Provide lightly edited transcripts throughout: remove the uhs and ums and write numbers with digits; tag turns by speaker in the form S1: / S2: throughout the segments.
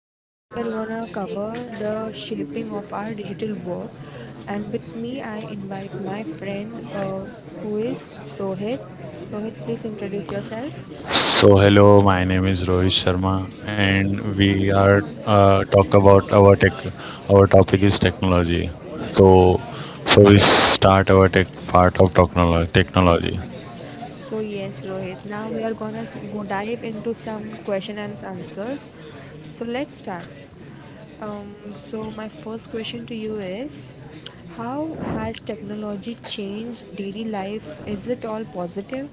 S1: So today we are gonna cover the shaping of our digital work, and with me I invite my friend who is Rohit. Rohit, please introduce yourself.
S2: So hello, my name is Rohit Sharma, and we are talk about our tech. Our topic is technology. So, so we start our tech part of technology. Technology.
S1: So yes, Rohit. Now we are gonna go dive into some question and answers. So let's start. So my first question to you is, how has technology changed daily life? Is it all positive?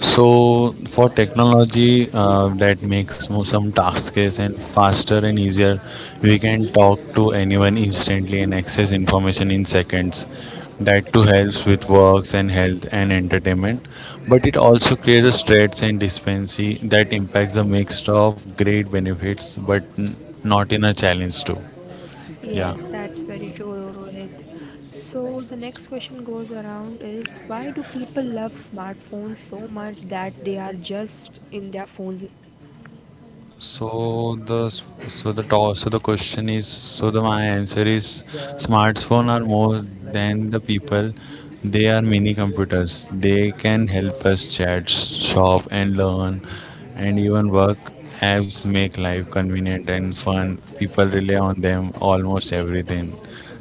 S2: So for technology that makes some tasks and faster and easier, we can talk to anyone instantly and access information in seconds. That too helps with works and health and entertainment, but it also creates a stress and dependency that impacts a mix of great benefits, but not in a challenge too.
S1: Yes,
S2: Yeah.
S1: that's very true, Rohit. So the next question goes around is, why do people love smartphones so much that they are just in their phones?
S2: So the so the to, so the question is so the my answer is smartphone are more than the people. They are mini computers. They can help us chat, shop, and learn, and even work. Apps make life convenient and fun. People rely on them almost everything.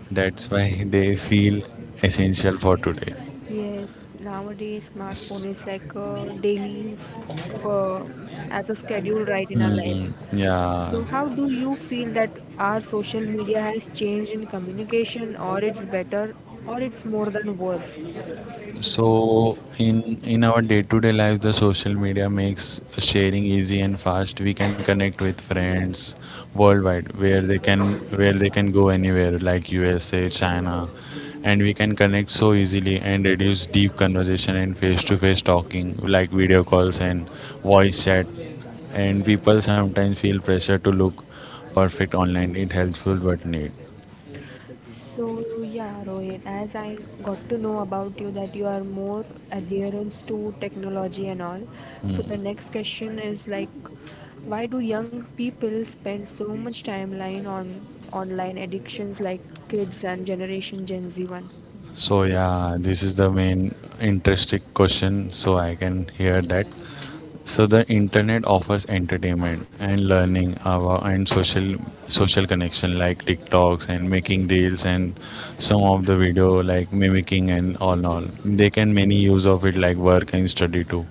S2: That's why they feel essential for today.
S1: Yes, nowadays smartphone is like a daily uh, as a schedule right in our life.
S2: Hmm, yeah.
S1: So how do you feel that our social media has changed in communication, or it's better or it's more than worse?
S2: So in our day-to-day life, the social media makes sharing easy and fast. We can connect with friends worldwide, where they can go anywhere, like USA, China, and we can connect so easily and reduce deep conversation and face-to-face talking, like video calls and voice chat. And people sometimes feel pressure to look perfect online. It helpful but need.
S1: So yeah, Rohit, as I got to know about you that you are more adherence to technology and all. So the
S2: Mm.
S1: next question is like, why do young people spend so much timeline on online addictions like kids and generation Gen Z one?
S2: So yeah, this is the main interesting question. So I can hear that. So the internet offers entertainment and learning our and social connection like TikToks and making reels and some of the video like mimicking and all and all. They can many use of it like work and study too.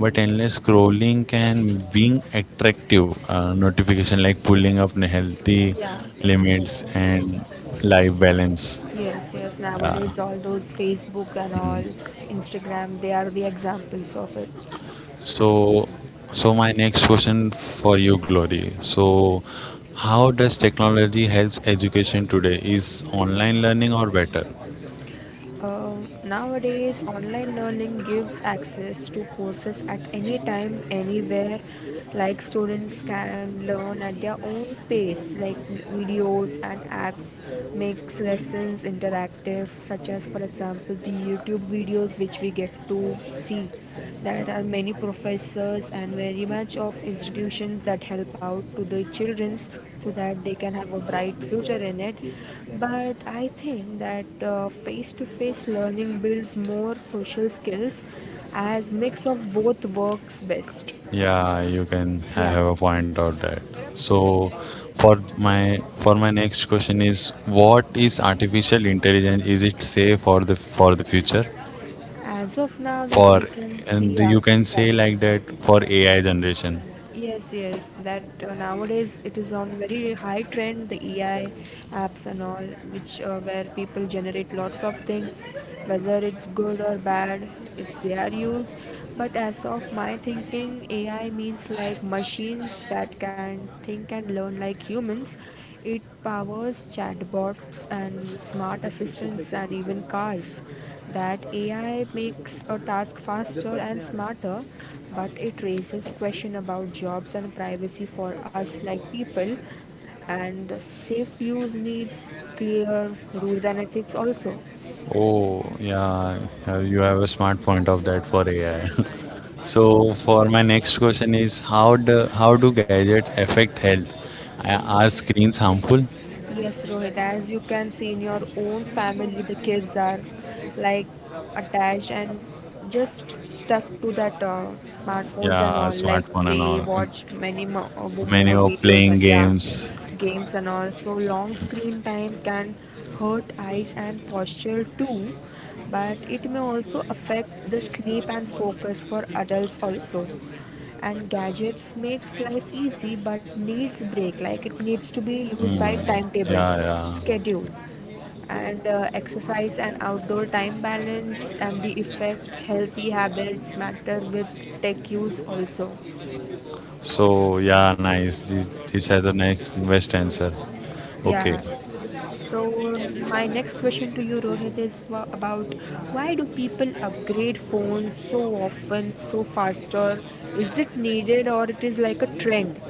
S2: But endless scrolling can being attractive notification like pulling up healthy
S1: Yeah, it's
S2: limits and life balance.
S1: yes, yes.
S2: Yeah.
S1: Nowadays, all those Facebook and all Instagram, they are the examples of it.
S2: So, so my next question for you, Glory. So, how does technology helps education today? Is online learning or better?
S1: Nowadays, online learning gives access to courses at any time, anywhere. Like students can learn at their own pace, like videos and apps makes lessons interactive, such as, for example, the YouTube videos which we get to see. There are many professors and very much of institutions that help out to the childrens so that they can have a bright future in it. But I think that face to face learning builds more social skills as mix of both works best.
S2: Yeah, you can I
S1: Yeah,
S2: have a point out that. So, for my next question is, what is artificial intelligence? Is it safe for the future?
S1: as of now that
S2: For
S1: we can see,
S2: and
S1: yeah.
S2: you can
S1: Yeah.
S2: say like that for AI generation.
S1: Yes, yes, that nowadays it is on very high trend, the AI apps and all, which where people generate lots of things, whether it's good or bad, it's their use. But as of my thinking, AI means like machines that can think and learn like humans. It powers chatbots and smart assistants and even cars. That AI makes a task faster and smarter, but it raises question about jobs and privacy for us like people, and safe use needs clear rules and ethics also.
S2: Oh, yeah, yeah, you have a smart point of that for AI. So for my next question is how do gadgets affect health? Are screens harmful?
S1: Yes, Rohit, as you can see in your own family, the kids are like attached and just stuck to that smartphones and
S2: Yeah,
S1: all. Like
S2: smartphone and
S1: they
S2: all.
S1: watch many more
S2: Many are
S1: videos and
S2: playing
S1: yeah,
S2: games.
S1: games and all. So long screen time can hurt eyes and posture too, but it may also affect the sleep and focus for adults also, and gadgets makes life easy but needs break, like it needs to be used by
S2: Hmm.
S1: timetable
S2: Yeah, yeah.
S1: schedule and exercise and outdoor time balance, and the effect healthy habits matter with tech use also.
S2: So yeah, nice. This has a next best answer.
S1: Yeah,
S2: Okay.
S1: so my next question to you, Rohit, is about, why do people upgrade phones so often, so faster? Is it needed or it is like a trend?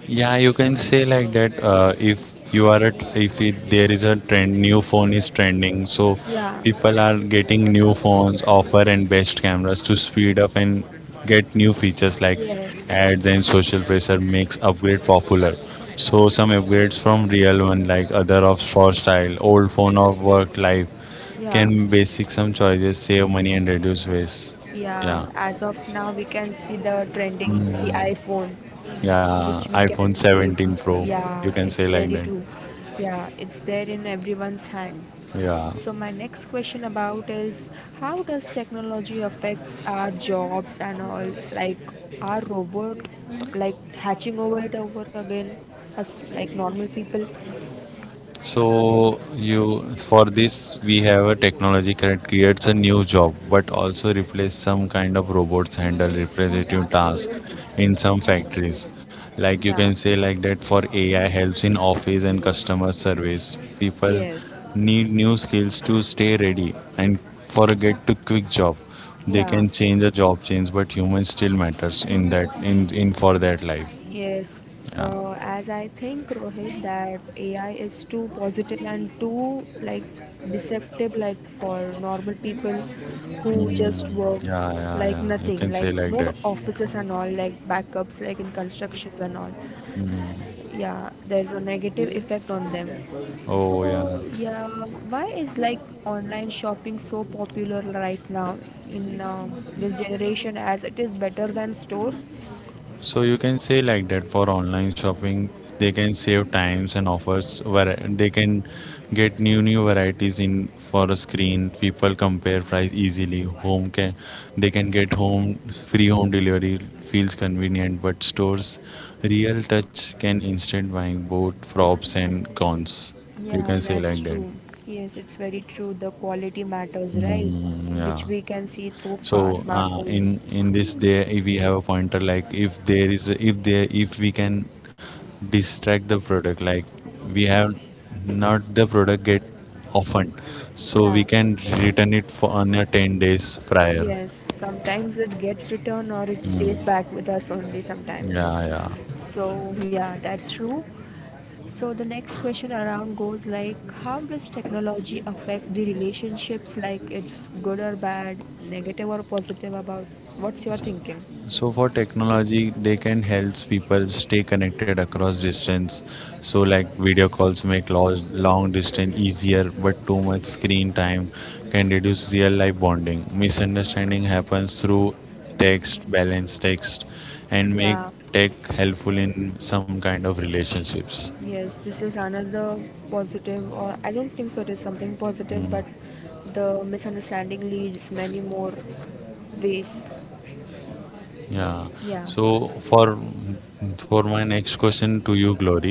S2: Yeah, you can say like that. If you are a, if it, there is a trend, new phone is trending, so
S1: Yeah.
S2: people are getting new phones, offer and best cameras to speed up and get new features like
S1: Yes.
S2: ads and social pressure makes upgrade popular. So some upgrades from real one like other of for style, old phone or work life
S1: Yeah.
S2: can basic some choices save money and reduce waste.
S1: Yeah,
S2: Yeah,
S1: as of now, we can see the trending, the
S2: Mm,
S1: iPhone,
S2: yeah,
S1: which we can
S2: iPhone
S1: see.
S2: 17 Pro,
S1: Yeah,
S2: you can
S1: it's
S2: say
S1: very
S2: like that.
S1: true. Yeah, it's there in everyone's hand.
S2: Yeah.
S1: So, my next question about is, how does technology affects our jobs and all? Like, are robot like hatching over it over again, us like normal people?
S2: So you for this we have a technology that creates a new job, but also replace some kind of robots handle repetitive tasks in some factories. Like you can
S1: Yeah.
S2: say like that for AI helps in office and customer service. People
S1: Yes.
S2: need new skills to stay ready and for a get to quick job. They
S1: Yeah.
S2: can change a job change, but humans still matters in that in for that life.
S1: Yes,
S2: Yeah.
S1: as I think, Rohit, that AI is too positive and too like deceptive, like for normal people who just
S2: Mm,
S1: work
S2: yeah, yeah,
S1: like
S2: yeah. You
S1: nothing,
S2: can
S1: like
S2: say like
S1: no
S2: that.
S1: offices and all, like backups, like in constructions and all.
S2: Mm,
S1: Yeah, there's a negative effect on them.
S2: oh, yeah.
S1: So yeah, why is like online shopping so popular right now in this generation, as it is better than store?
S2: So you can say like that for online shopping, they can save times and offers where they can get new varieties in for a screen. People compare price easily. Home can they can get home free home delivery feels convenient, but stores real touch can instant buying both props and cons. You
S1: Yeah,
S2: can say
S1: that's
S2: like that.
S1: true. Yes, it's very true. The quality matters, right?
S2: Mm, yeah.
S1: Which we can see through fa
S2: So
S1: smartphones.
S2: in this there, if we have a pointer, like if there is, a, if there, if we can distract the product, like we have not the product get often, so
S1: Yeah,
S2: we can return it for on a 10 days prior.
S1: yes. Sometimes it gets returned or it stays
S2: Mm,
S1: back with us only sometimes.
S2: yeah, yeah.
S1: So, yeah, that's true. So, the next question around goes like, how does technology affect the relationships? Like, it's good or bad, negative or positive about? What's your thinking?
S2: So for technology, they can help people stay connected across distance. So like video calls make long distance easier, but too much screen time can reduce real life bonding. Misunderstanding happens through text, balanced text, and make
S1: Yeah.
S2: tech helpful in some kind of relationships.
S1: Yes, this is another positive, or I don't think so it is something positive,
S2: Mm.
S1: but the misunderstanding leads many more ways.
S2: Yeah.
S1: Yeah.
S2: So for my next question to you, Glory,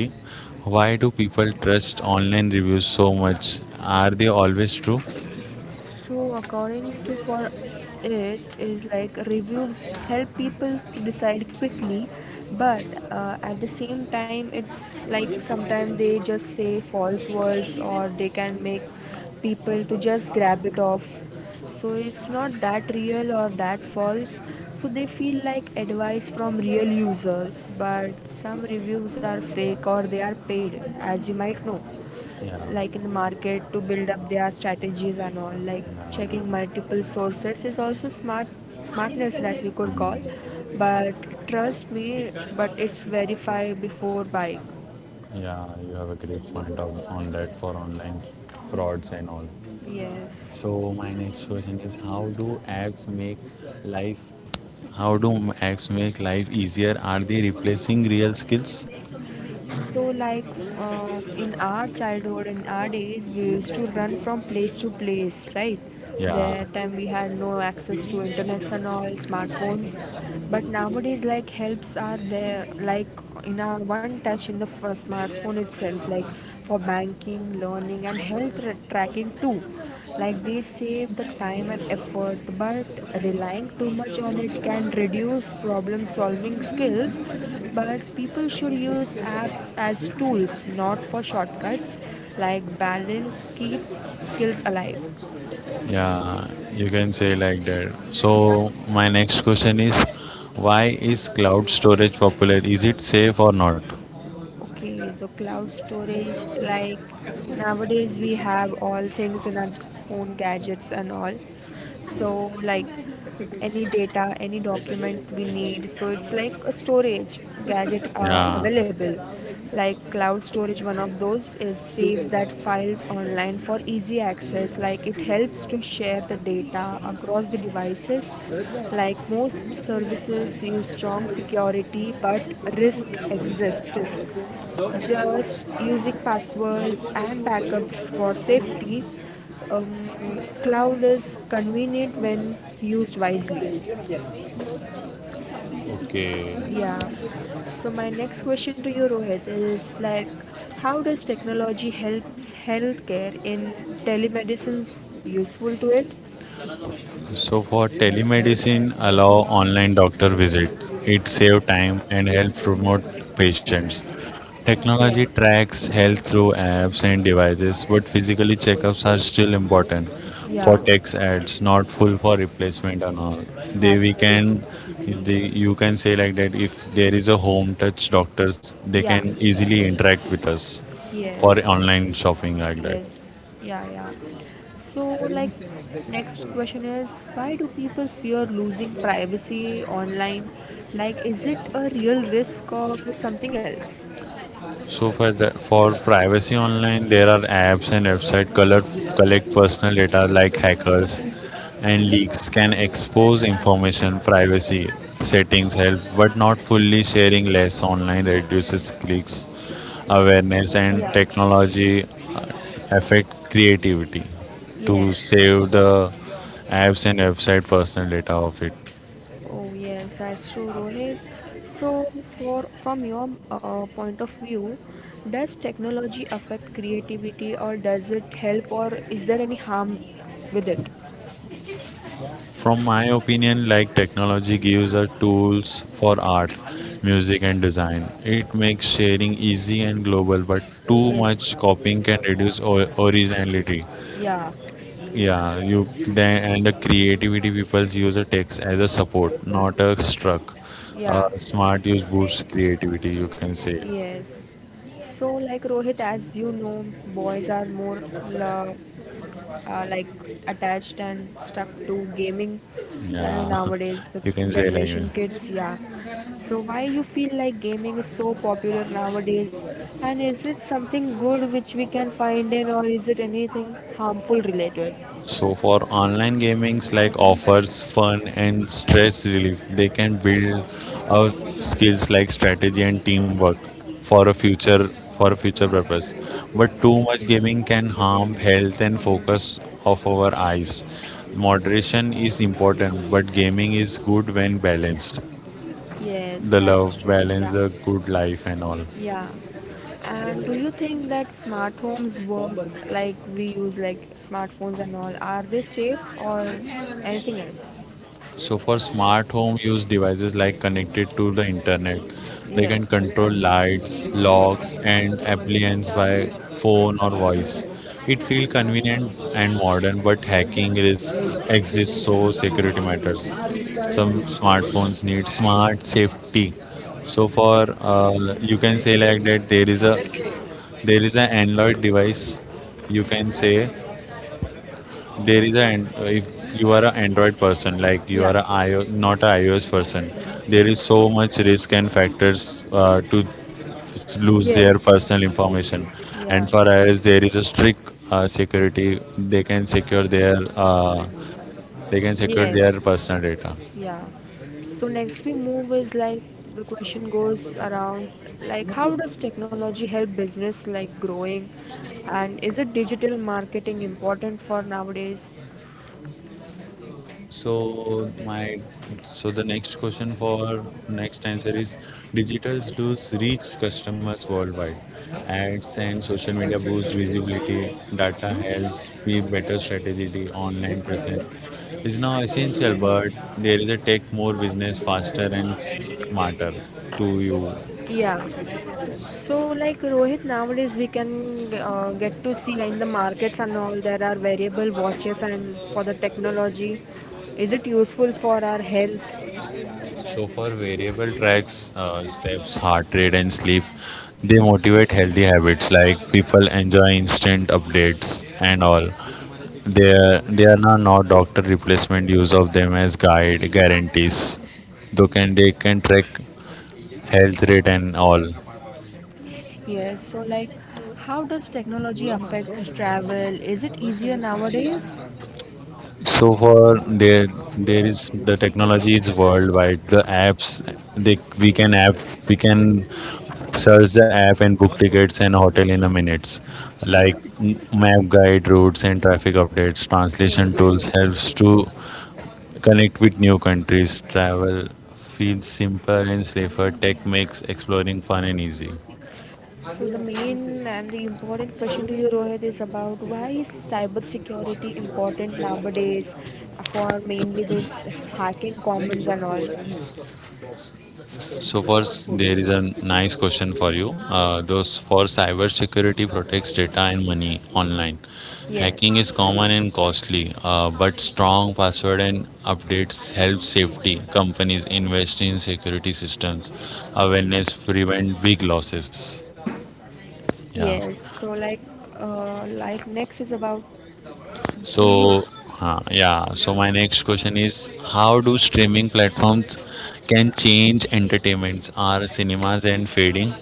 S2: why do people trust online reviews so much? Are they always true?
S1: So, according to for, it is like reviews help people to decide quickly, but at the same time, it's like sometimes they just say false words or they can make people to just grab it off. So it's not that real or that false. So they feel like advice from real users, but some reviews are fake or they are paid, as you might know,
S2: Yeah.
S1: like in the market to build up their strategies and all, like
S2: Yeah.
S1: checking
S2: Yeah.
S1: multiple sources is also smart smartness that we could call,
S2: Mm.
S1: but trust me but it's verify before buying.
S2: Yeah. You have a great point on that for online frauds and all.
S1: Yes.
S2: So my next question is, life? how do apps make life easier? Are they replacing real skills?
S1: So, like in our childhood, in our days, we used to run from place to place, right?
S2: Yeah.
S1: That time we had no access to internet and all smartphones, but nowadays, like helps are there, like in our one touch in the smartphone itself, like for banking, learning, and health tracking too. Like they save the time and effort, but relying too much on it can reduce problem solving skills. But people should use apps as tools, not for shortcuts. Like balance, keep skills alive.
S2: Yeah, you can say like that.
S1: Yeah.
S2: So my next question is, why is cloud storage popular? Is it safe or not?
S1: Okay, the cloud storage, like nowadays we have all things in our own gadgets and all. So, like any data, any document we need. So, it's like a storage gadget
S2: Yeah.
S1: available, like cloud storage one of those is saves that files online for easy access, like it helps to share the data across the devices, like most services use strong security but risk exists, just using passwords and backups for safety. um, Cloud is convenient when used wisely,
S2: Okay.
S1: yeah. So my next question to you, Rohit, is like, how does technology helps healthcare in telemedicine's useful to it?
S2: So for telemedicine, allow online doctor visits. It save time and help promote patients. Technology
S1: Yes.
S2: tracks health through apps and devices, but physically checkups are still important for
S1: Yeah.
S2: text ads, not full for replacement and all. They
S1: That's
S2: we
S1: very true.
S2: can they, you can say like that if there is a home touch doctors, they
S1: Yeah.
S2: can easily interact with us for
S1: Yes.
S2: online shopping like that.
S1: Yes. Yeah. Yeah. So like, next question is, why do people fear losing privacy online? Like, is it a real risk or something else?
S2: So for privacy online, there are apps and website color, collect personal data like hackers and leaks can expose information privacy settings help but not fully sharing less online reduces clicks awareness and
S1: Yeah.
S2: technology affect creativity to
S1: Yes.
S2: save the apps and website personal data of it.
S1: Oh yes, that's true, Rohit. So, for from your point of view, does technology affect creativity, or does it help, or is there any harm with it?
S2: From my opinion, like technology gives us tools for art, music, and design. It makes sharing easy and global, but too
S1: Yes.
S2: much copying can reduce originality.
S1: Yeah.
S2: Yeah, you then and the creativity people use a text as a support, not a struck.
S1: Yeah.
S2: Smart use boosts creativity. You can say,
S1: Yes. So, like Rohit, as you know, boys are more la like attached and stuck to gaming,
S2: yeah,
S1: nowadays the
S2: you can say like that.
S1: generation kids, yeah. So why you feel like gaming is so popular nowadays, and is it something good which we can find in, or is it anything harmful related?
S2: So for online gamings like offers fun and stress relief, they can build uh, skills like strategy and teamwork for a future purpose. But too much gaming can harm health and focus of our eyes. Moderation is important, but gaming is good when balanced.
S1: Yes,
S2: The
S1: that's
S2: love
S1: true.
S2: balance,
S1: Yeah.
S2: the good life and all.
S1: Yeah, and do you think that smart homes work, like we use like smartphones and all, are they safe or anything else?
S2: So for smart home use devices like connected to the internet, they can
S1: Yes.
S2: control lights, locks, and appliances by phone or voice. It feels convenient and modern, but hacking risk exists, so security matters. Some smartphones need smart safety. So for you can say like that there is an Android device, you can say there is a an- if you are an Android person, like you
S1: Yeah.
S2: are a IO, not a iOS person, there is so much risk and factors to lose their
S1: Yes.
S2: personal information.
S1: Yeah.
S2: And for iOS, there is a strict security. They can secure
S1: Yes.
S2: their personal data.
S1: Yeah. So next we move is like, the question goes around like, how does technology help business like growing, and is it digital marketing important for nowadays?
S2: So my so the next question for next answer is digital tools reach customers worldwide. Ads and social media boost visibility, data helps with better strategy, online presence is now essential, but there is a take more business faster and smarter to you.
S1: Yeah. So like, Rohit, nowadays we can get to see in the markets and all there are variable watches, and for the technology, is it useful for our health?
S2: So for variable tracks, steps, heart rate, and sleep, they motivate healthy habits like people enjoy instant updates and all. There are not doctor replacement use of them as guide guarantees, though can they can track health rate and all.
S1: Yes, so like, how does technology affects travel? Is it easier nowadays?
S2: So far, there is the technology is worldwide. The apps they we can app we can search the app and book tickets and hotel in a minutes. Like
S1: Yes,
S2: map guide routes and traffic updates,
S1: yes,
S2: translation tools
S1: yes.
S2: helps to connect with new countries, travel feels simpler and safer. Tech makes exploring fun and easy.
S1: So the main and the important question to you, Rohit, is about, why is cybersecurity important nowadays for mainly this hacking commons and all.
S2: So first, there is a nice question for you. Those for cybersecurity protects data and money online.
S1: Yes,
S2: Hacking is common and costly, but strong password and updates help safety. Companies invest in security systems. Awareness prevent big losses. Yeah.
S1: yes. So like next is about to
S2: So,
S1: you.
S2: huh, yeah. So my next question is, how do streaming platforms can change entertainments? Are cinemas and fading?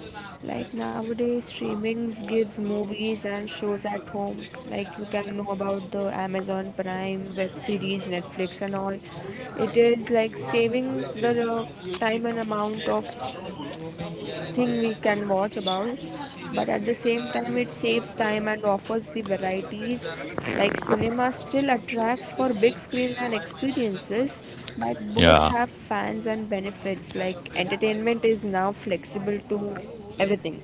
S1: Like nowadays, streamings gives movies and shows at home. Like you can know about the Amazon Prime, web series, Netflix, and all. It is like saving the time and amount of thing we can watch about, but at the same time, it saves time and offers the varieties. Like cinema still attracts for big screen and experiences, but both
S2: Yeah,
S1: have fans and benefits. Like entertainment is now flexible to everything.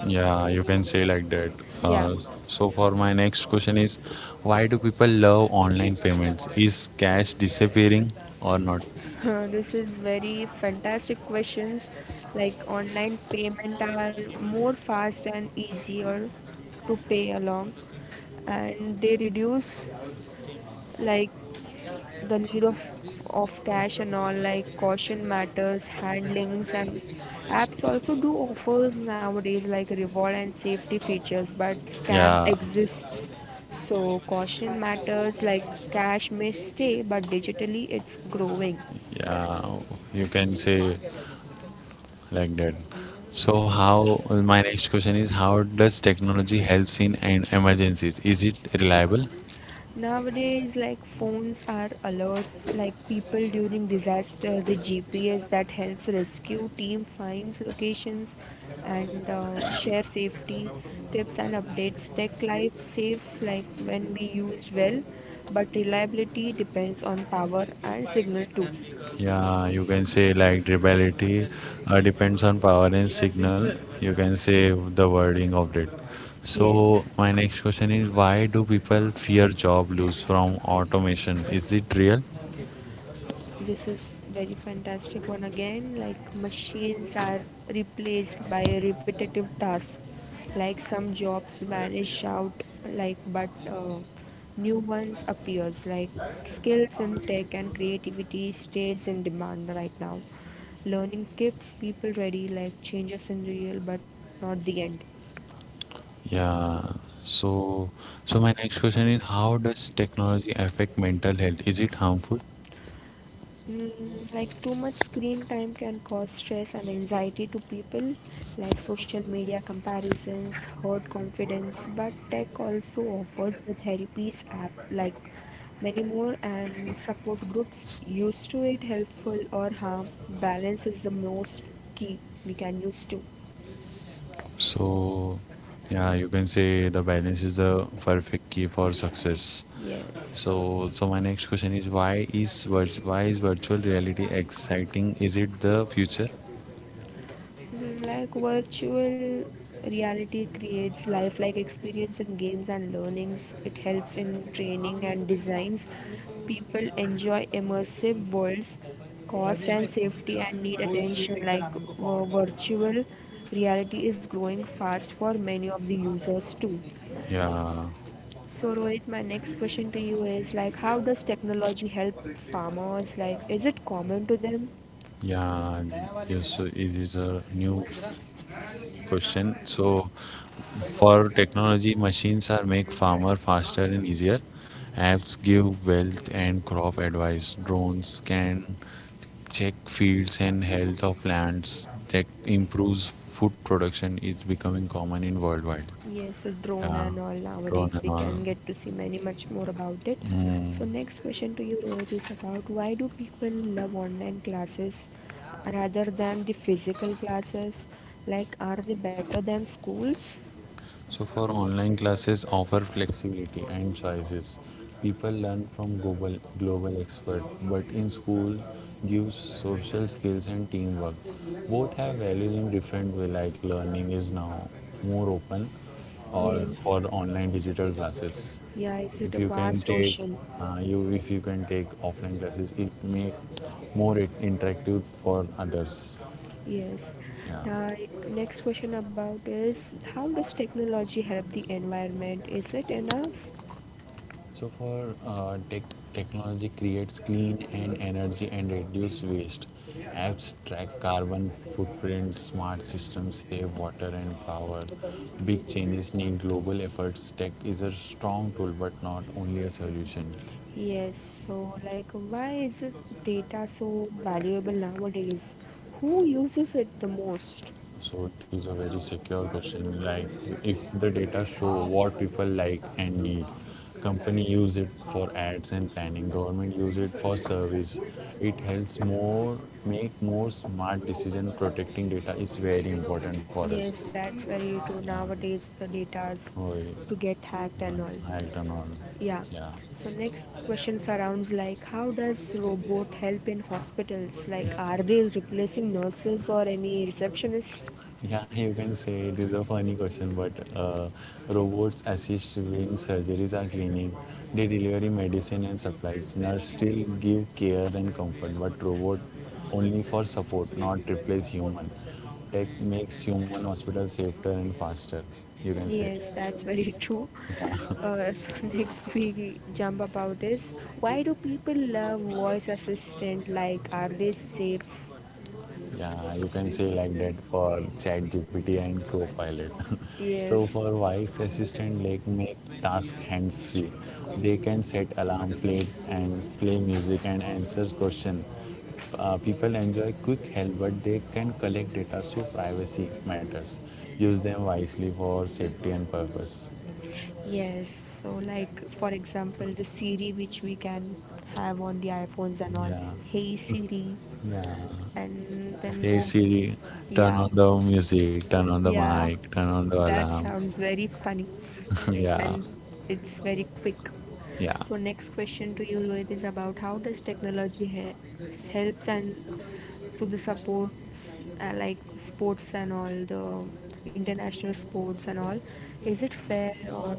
S2: yeah. You can say like that.
S1: Yeah,
S2: Uh, so for my next question is, why do people love online payments? Is cash disappearing or not?
S1: this is very fantastic questions. Like online payment are more fast and easier to pay along, and they reduce like the need of cash and all, like caution matters, handlings, and apps also do offers nowadays like reward and safety features, but scam
S2: Yeah,
S1: exists. So caution matters like cash may stay, but digitally it's growing.
S2: yeah. You can say like that. So how? My next question is, how does technology helps in an emergencies? Is it reliable?
S1: Nowadays, like phones are alert, like people during disaster, the GPS that helps rescue team finds locations and share safety tips and updates. Tech life saves like when we used well, but reliability depends on power and signal too.
S2: Yeah, you can say like rebellion depends on power and signal. You can say the wording of it.
S1: Yes.
S2: So my next question is why do people fear job loss from automation? Is it real?
S1: This is very fantastic one again. Like machines are replaced by repetitive tasks. Like some jobs vanish out, like but new ones appears. Like skills in tech and creativity stays in demand right now. Learning keeps people ready. Like changes in real, but not the end.
S2: Yeah. So so my next question is how does technology affect mental health? Is it harmful?
S1: Mm, like too much screen time can cause stress and anxiety to people, like social media comparisons, hurt confidence. But tech also offers the therapies app, like many more, and support groups. Use to it helpful or harm. Balance is the most key we can use to.
S2: So, yeah, you can say the balance is the perfect key for success.
S1: Yes.
S2: So my next question is why is virtual reality exciting? Is it the future?
S1: Mhm. Like, virtual reality creates lifelike experience in games and learnings. It helps in training and designs. People enjoy immersive worlds. Cost and safety and need attention. Virtual reality is growing fast for many of the users too.
S2: Yeah,
S1: So Rohit, my next question to you is like, how does technology help farmers? Like, is it common to them?
S2: yeah. Yes, so it is a new question. So, for technology, machines are make farmer faster and easier. Apps give wealth and crop advice. Drones scan check fields and health of lands. Check improves food production is becoming common in worldwide.
S1: Yes, so drone
S2: Yeah,
S1: and all nowadays
S2: drone and
S1: we
S2: all.
S1: can get to see many much more about it.
S2: Mm.
S1: So next question to you Rohit is about why do people love online classes rather than the physical classes? Like, are they better than schools?
S2: So for online classes, offer flexibility and choices. People learn from global expert, but in school, gives social skills and teamwork. Both have values in different way. Like learning is now more open, or
S1: Yes.
S2: for online digital classes.
S1: Yeah, is it
S2: If
S1: a
S2: you can
S1: vast
S2: take,
S1: ocean?
S2: you if you can take offline classes, it make more interactive for others.
S1: Yes.
S2: Yeah.
S1: Now next question about is, how does technology help the environment? Is it enough?
S2: So for technology creates clean and energy and reduce waste. Apps track carbon footprint, smart systems save water and power. Big changes need global efforts. Tech is a strong tool but not only a solution.
S1: Yes, so like why is it data so valuable nowadays? Who uses it the most?
S2: So it is a very secure question. Like if the data show what people like and need, company use it for ads and planning, government use it for service. It helps more make more smart decision. Protecting data is very important for us.
S1: Yes, that's very true.
S2: Yeah.
S1: Nowadays the data's
S2: Oh,
S1: to get hacked and all.
S2: I don't know.
S1: Yeah.
S2: Yeah.
S1: So next question surrounds like, how does robot help in hospitals? Like, are they replacing nurses or any receptionists?
S2: Yeah, you can say it is a funny question, but uh, robots assist doing surgeries or cleaning. They deliver medicine and supplies. Nurse still give care and comfort, but robot only for support, not replace human. Tech makes human hospital safer and faster. You can say.
S1: Yes, that's very true. Uh, so next we jump about is, why do people love voice assistant? Like, are they safe?
S2: Yeah, you can say like that for ChatGPT and Copilot.
S1: Yes,
S2: So for voice assistant, like make task hands-free. They can set alarm, play music and answers question. People enjoy quick help, but they can collect data, so privacy matters. Use them wisely for safety and purpose.
S1: yes. So, like for example, the Siri which we can have on the iPhones and all.
S2: Yeah,
S1: Hey Siri,
S2: yeah.
S1: and then
S2: Hey
S1: move.
S2: Siri, turn on
S1: Yeah.
S2: the music, turn on the
S1: Yeah,
S2: mic, turn on the
S1: that
S2: alarm.
S1: sounds very funny
S2: Yeah.
S1: and it's very quick.
S2: Yeah,
S1: So next question to you Rohit is about how does technology helps and to the support like sports and all the international sports and all. Is it fair or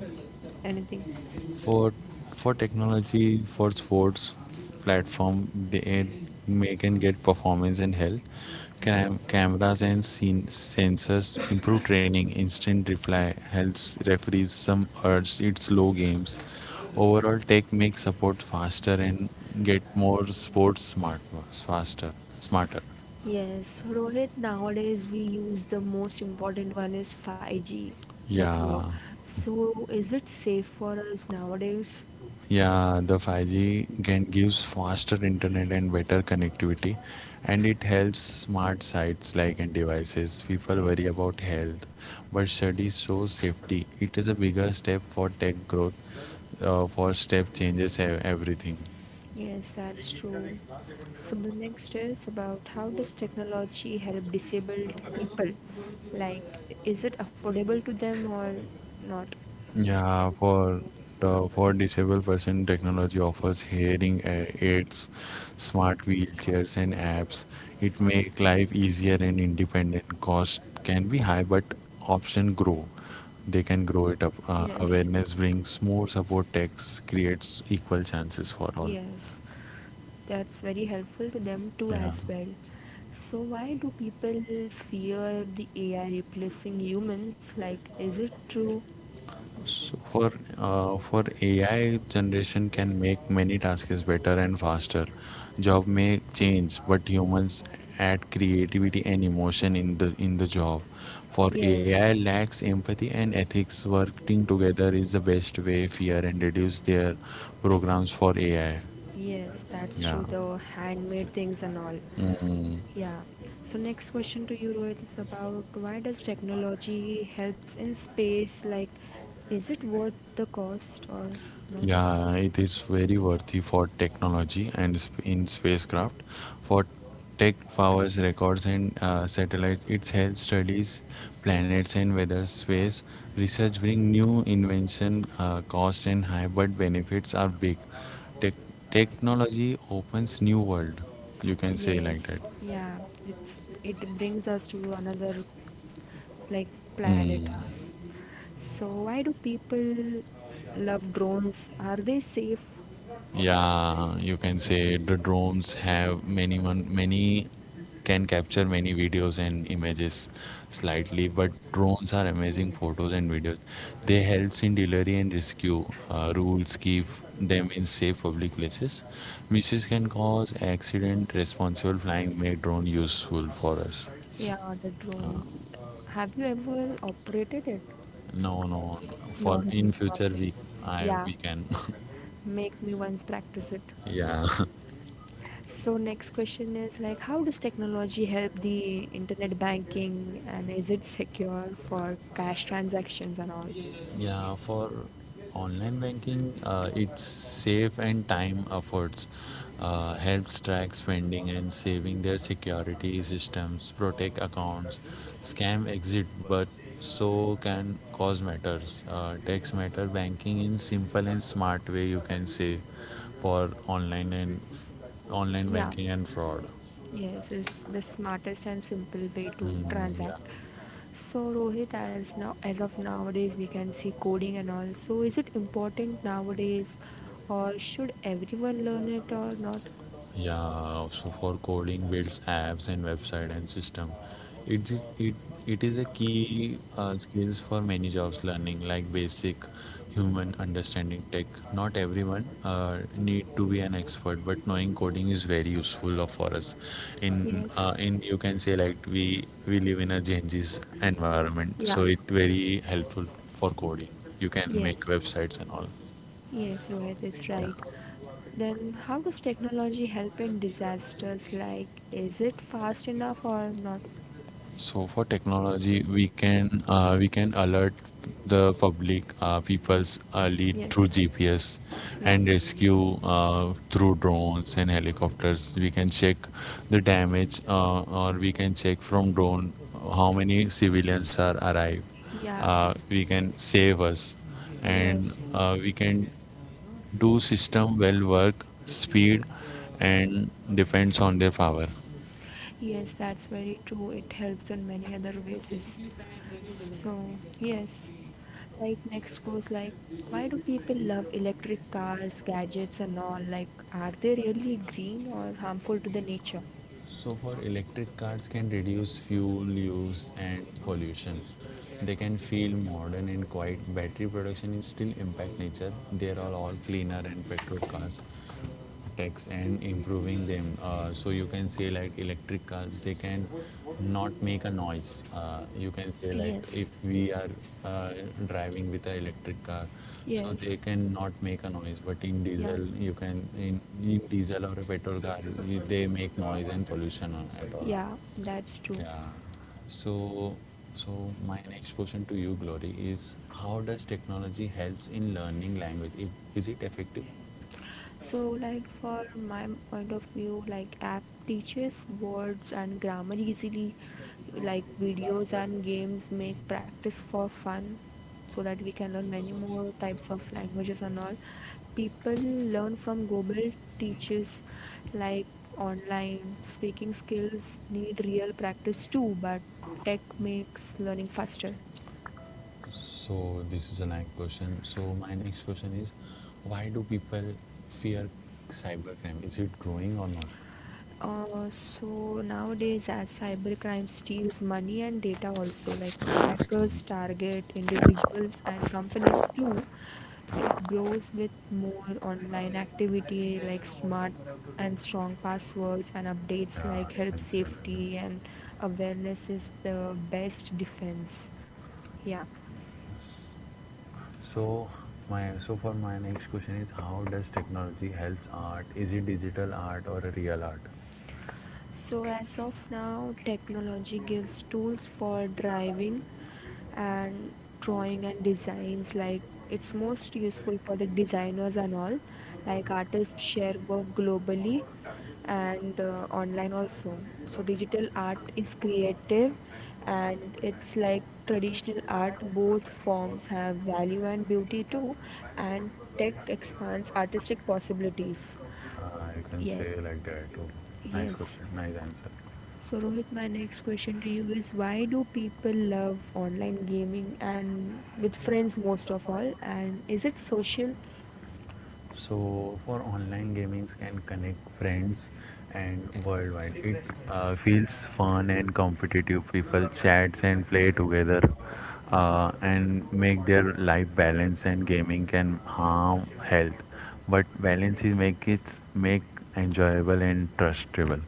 S1: anything?
S2: for for technology for sports platform they may can get performance and health. Cameras and sensors improve training, instant reply helps referees, some urge its slow games. Overall tech makes support faster and get more sports smart, faster, smarter.
S1: Yes, Rohit, nowadays we use the most important one is 5G network.
S2: Yeah.
S1: So is it safe for us nowadays?
S2: Yeah, the 5G can gives faster internet and better connectivity, and it helps smart sites like and devices. People worry about health, but studies show safety. It is a bigger step for tech growth, for step changes everything.
S1: Yes, that's true. So the next is about how does technology help disabled people? Like, is it affordable to them or not?
S2: Yeah, for the for disabled person, technology offers hearing aids, smart wheelchairs, and apps. It make life easier and independent. Cost can be high, but option grow. They can grow it up.
S1: Yes,
S2: Awareness brings more support. Tax creates equal chances for all.
S1: yes, that's very helpful to them too
S2: Yeah.
S1: as well. So why do people fear the AI replacing humans? Like, is it true?
S2: So for AI generation can make many tasks better and faster. Job may change, but humans add creativity and emotion in the job. For AI lacks empathy and ethics. Working together is the best way. Fear and reduce their programs for AI.
S1: Yes, that's
S2: Yeah.
S1: true. The handmade things and all.
S2: Mm.
S1: Yeah. So next question to you, Rohit, is about why does technology helps in space? Like, is it worth the cost or not?
S2: Yeah, it is very worthy for technology and in spacecraft. For tech powers records and satellites, it helps studies planets and weather space. Research bring new invention, cost and high, but benefits are big. Tech Technology opens new world. You can say
S1: Yes.
S2: like that.
S1: Yeah. It's, it brings us to another like planet.
S2: Hmm.
S1: So why do people love drones? Are they safe?
S2: Yeah, you can say the drones have many can capture many videos and images slightly, but drones are amazing photos and videos. They helps in delivery and rescue. Rules keep them in safe public places. Misuse can cause accident. Responsible flying make drone useful for us.
S1: Yeah, the drone.
S2: Uh,
S1: Have you ever operated it?
S2: no, no.
S1: No,
S2: For in
S1: not
S2: future
S1: me.
S2: we I
S1: Yeah,
S2: we can.
S1: make me once practice it.
S2: Yeah.
S1: So next question is like, how does technology help the internet banking and is it secure for cash transactions and all?
S2: Yeah, for online banking, it's safe and time efforts. Helps track spending and saving their security systems, protect accounts, scam exit, but so can cause matters. Tax matter banking in simple and smart way you can say for online and online banking and fraud.
S1: Yes, it's the smartest and simple way to
S2: Hmm,
S1: transact.
S2: yeah.
S1: So Rohit, as now as of nowadays, we can see coding and all. So is it important nowadays, or should everyone learn it or not?
S2: Yeah, so for coding builds apps and website and system, it is it it is a key skills for many jobs. Learning like basic human understanding tech. Not everyone need to be an expert, but knowing coding is very useful for us.
S1: Yes.
S2: In you can say like we live in a changes environment, so
S1: Yeah.
S2: it very helpful for coding. You can
S1: Yes.
S2: make websites and all.
S1: Yes, Rohit, it's
S2: Yeah.
S1: right. Then how does technology help in disasters? Like, is it fast enough or not?
S2: So for technology, we can alert the public peoples early
S1: Yes.
S2: through GPS
S1: Yeah.
S2: and rescue through drones and helicopters. We can check the damage, or we can check from drone how many civilians are arrive.
S1: Yeah.
S2: We can save us, and
S1: Yes.
S2: we can do system well work speed and depends on their power.
S1: Yes, that's very true. It helps in many other ways. So, yes, like next goes like, why do people love electric cars, gadgets, and all? Like, are they really green or harmful to the nature?
S2: So for electric cars can reduce fuel use and pollution. They can feel modern and quiet. Battery production is still impact nature. They are all cleaner and petrol cars tax and improving them. So you can say like electric because they can not make a noise. You can say like if we are uh, driving with an electric car, so they can not make a noise. But in diesel, you can in, in diesel or a petrol car, they make noise and pollution at all.
S1: Yeah, that's true.
S2: Yeah. So, so my next question to you, Glory, is how does technology helps in learning language? Is it effective?
S1: So, like for my point of view, like app teaches words and grammar easily. Like videos and games make practice for fun, so that we can learn many more types of languages and all. People learn from Google teaches, like online speaking skills need real practice too, but tech makes learning faster.
S2: So this is a nice question. So my next question is, why do people fear cybercrime? Is it growing or not?
S1: Uh, so nowadays, as cybercrime steals money and data also, like
S2: Mm.
S1: hackers target individuals and companies too, it grows with more online activity like smart and strong passwords and updates
S2: Yeah,
S1: like
S2: you
S1: help
S2: can say that.
S1: safety and awareness is the best defense. Yeah.
S2: So so for my next question is, how does technology helps art? Is it digital art or a real art?
S1: So, as of now, technology gives tools for driving and drawing and designs. Like, it's most useful for the designers and all. Like, artists share work globally and online also. So, digital art is creative and it's like traditional art. Both forms have value and beauty too, and tech expands artistic possibilities.
S2: You can
S1: Yes,
S2: say like that too. Nice
S1: yes.
S2: question. Nice answer.
S1: So, Rohit, my next question to you is why do people love online gaming and with friends most of all? And is it social?
S2: So for online gamings can connect friends and worldwide. It feels fun and competitive. People chats and play together and make their life balance and gaming can harm health. But balance is make it make enjoyable and trustable.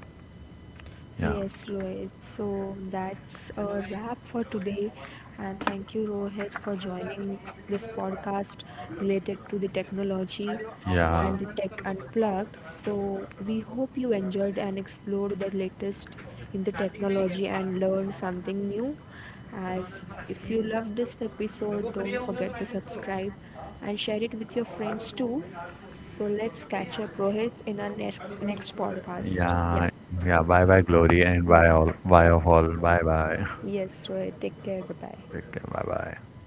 S2: Yeah.
S1: Yes, Rohit. So that's a wrap for today. And thank you, Rohit, for joining this podcast related to the technology
S2: Yeah.
S1: and the tech unplugged. So we hope you enjoyed and explored the latest in the technology and learned something new. As if you loved this episode, don't forget to subscribe and share it with your friends too. So let's catch up, Rohit, in our next podcast. Yeah,
S2: Yeah. Yeah. Bye bye, Glory, and
S1: yeah.
S2: bye all, bye of all. Bye bye.
S1: Yes, Rohit. Take care. Bye bye.
S2: Take care. Bye bye.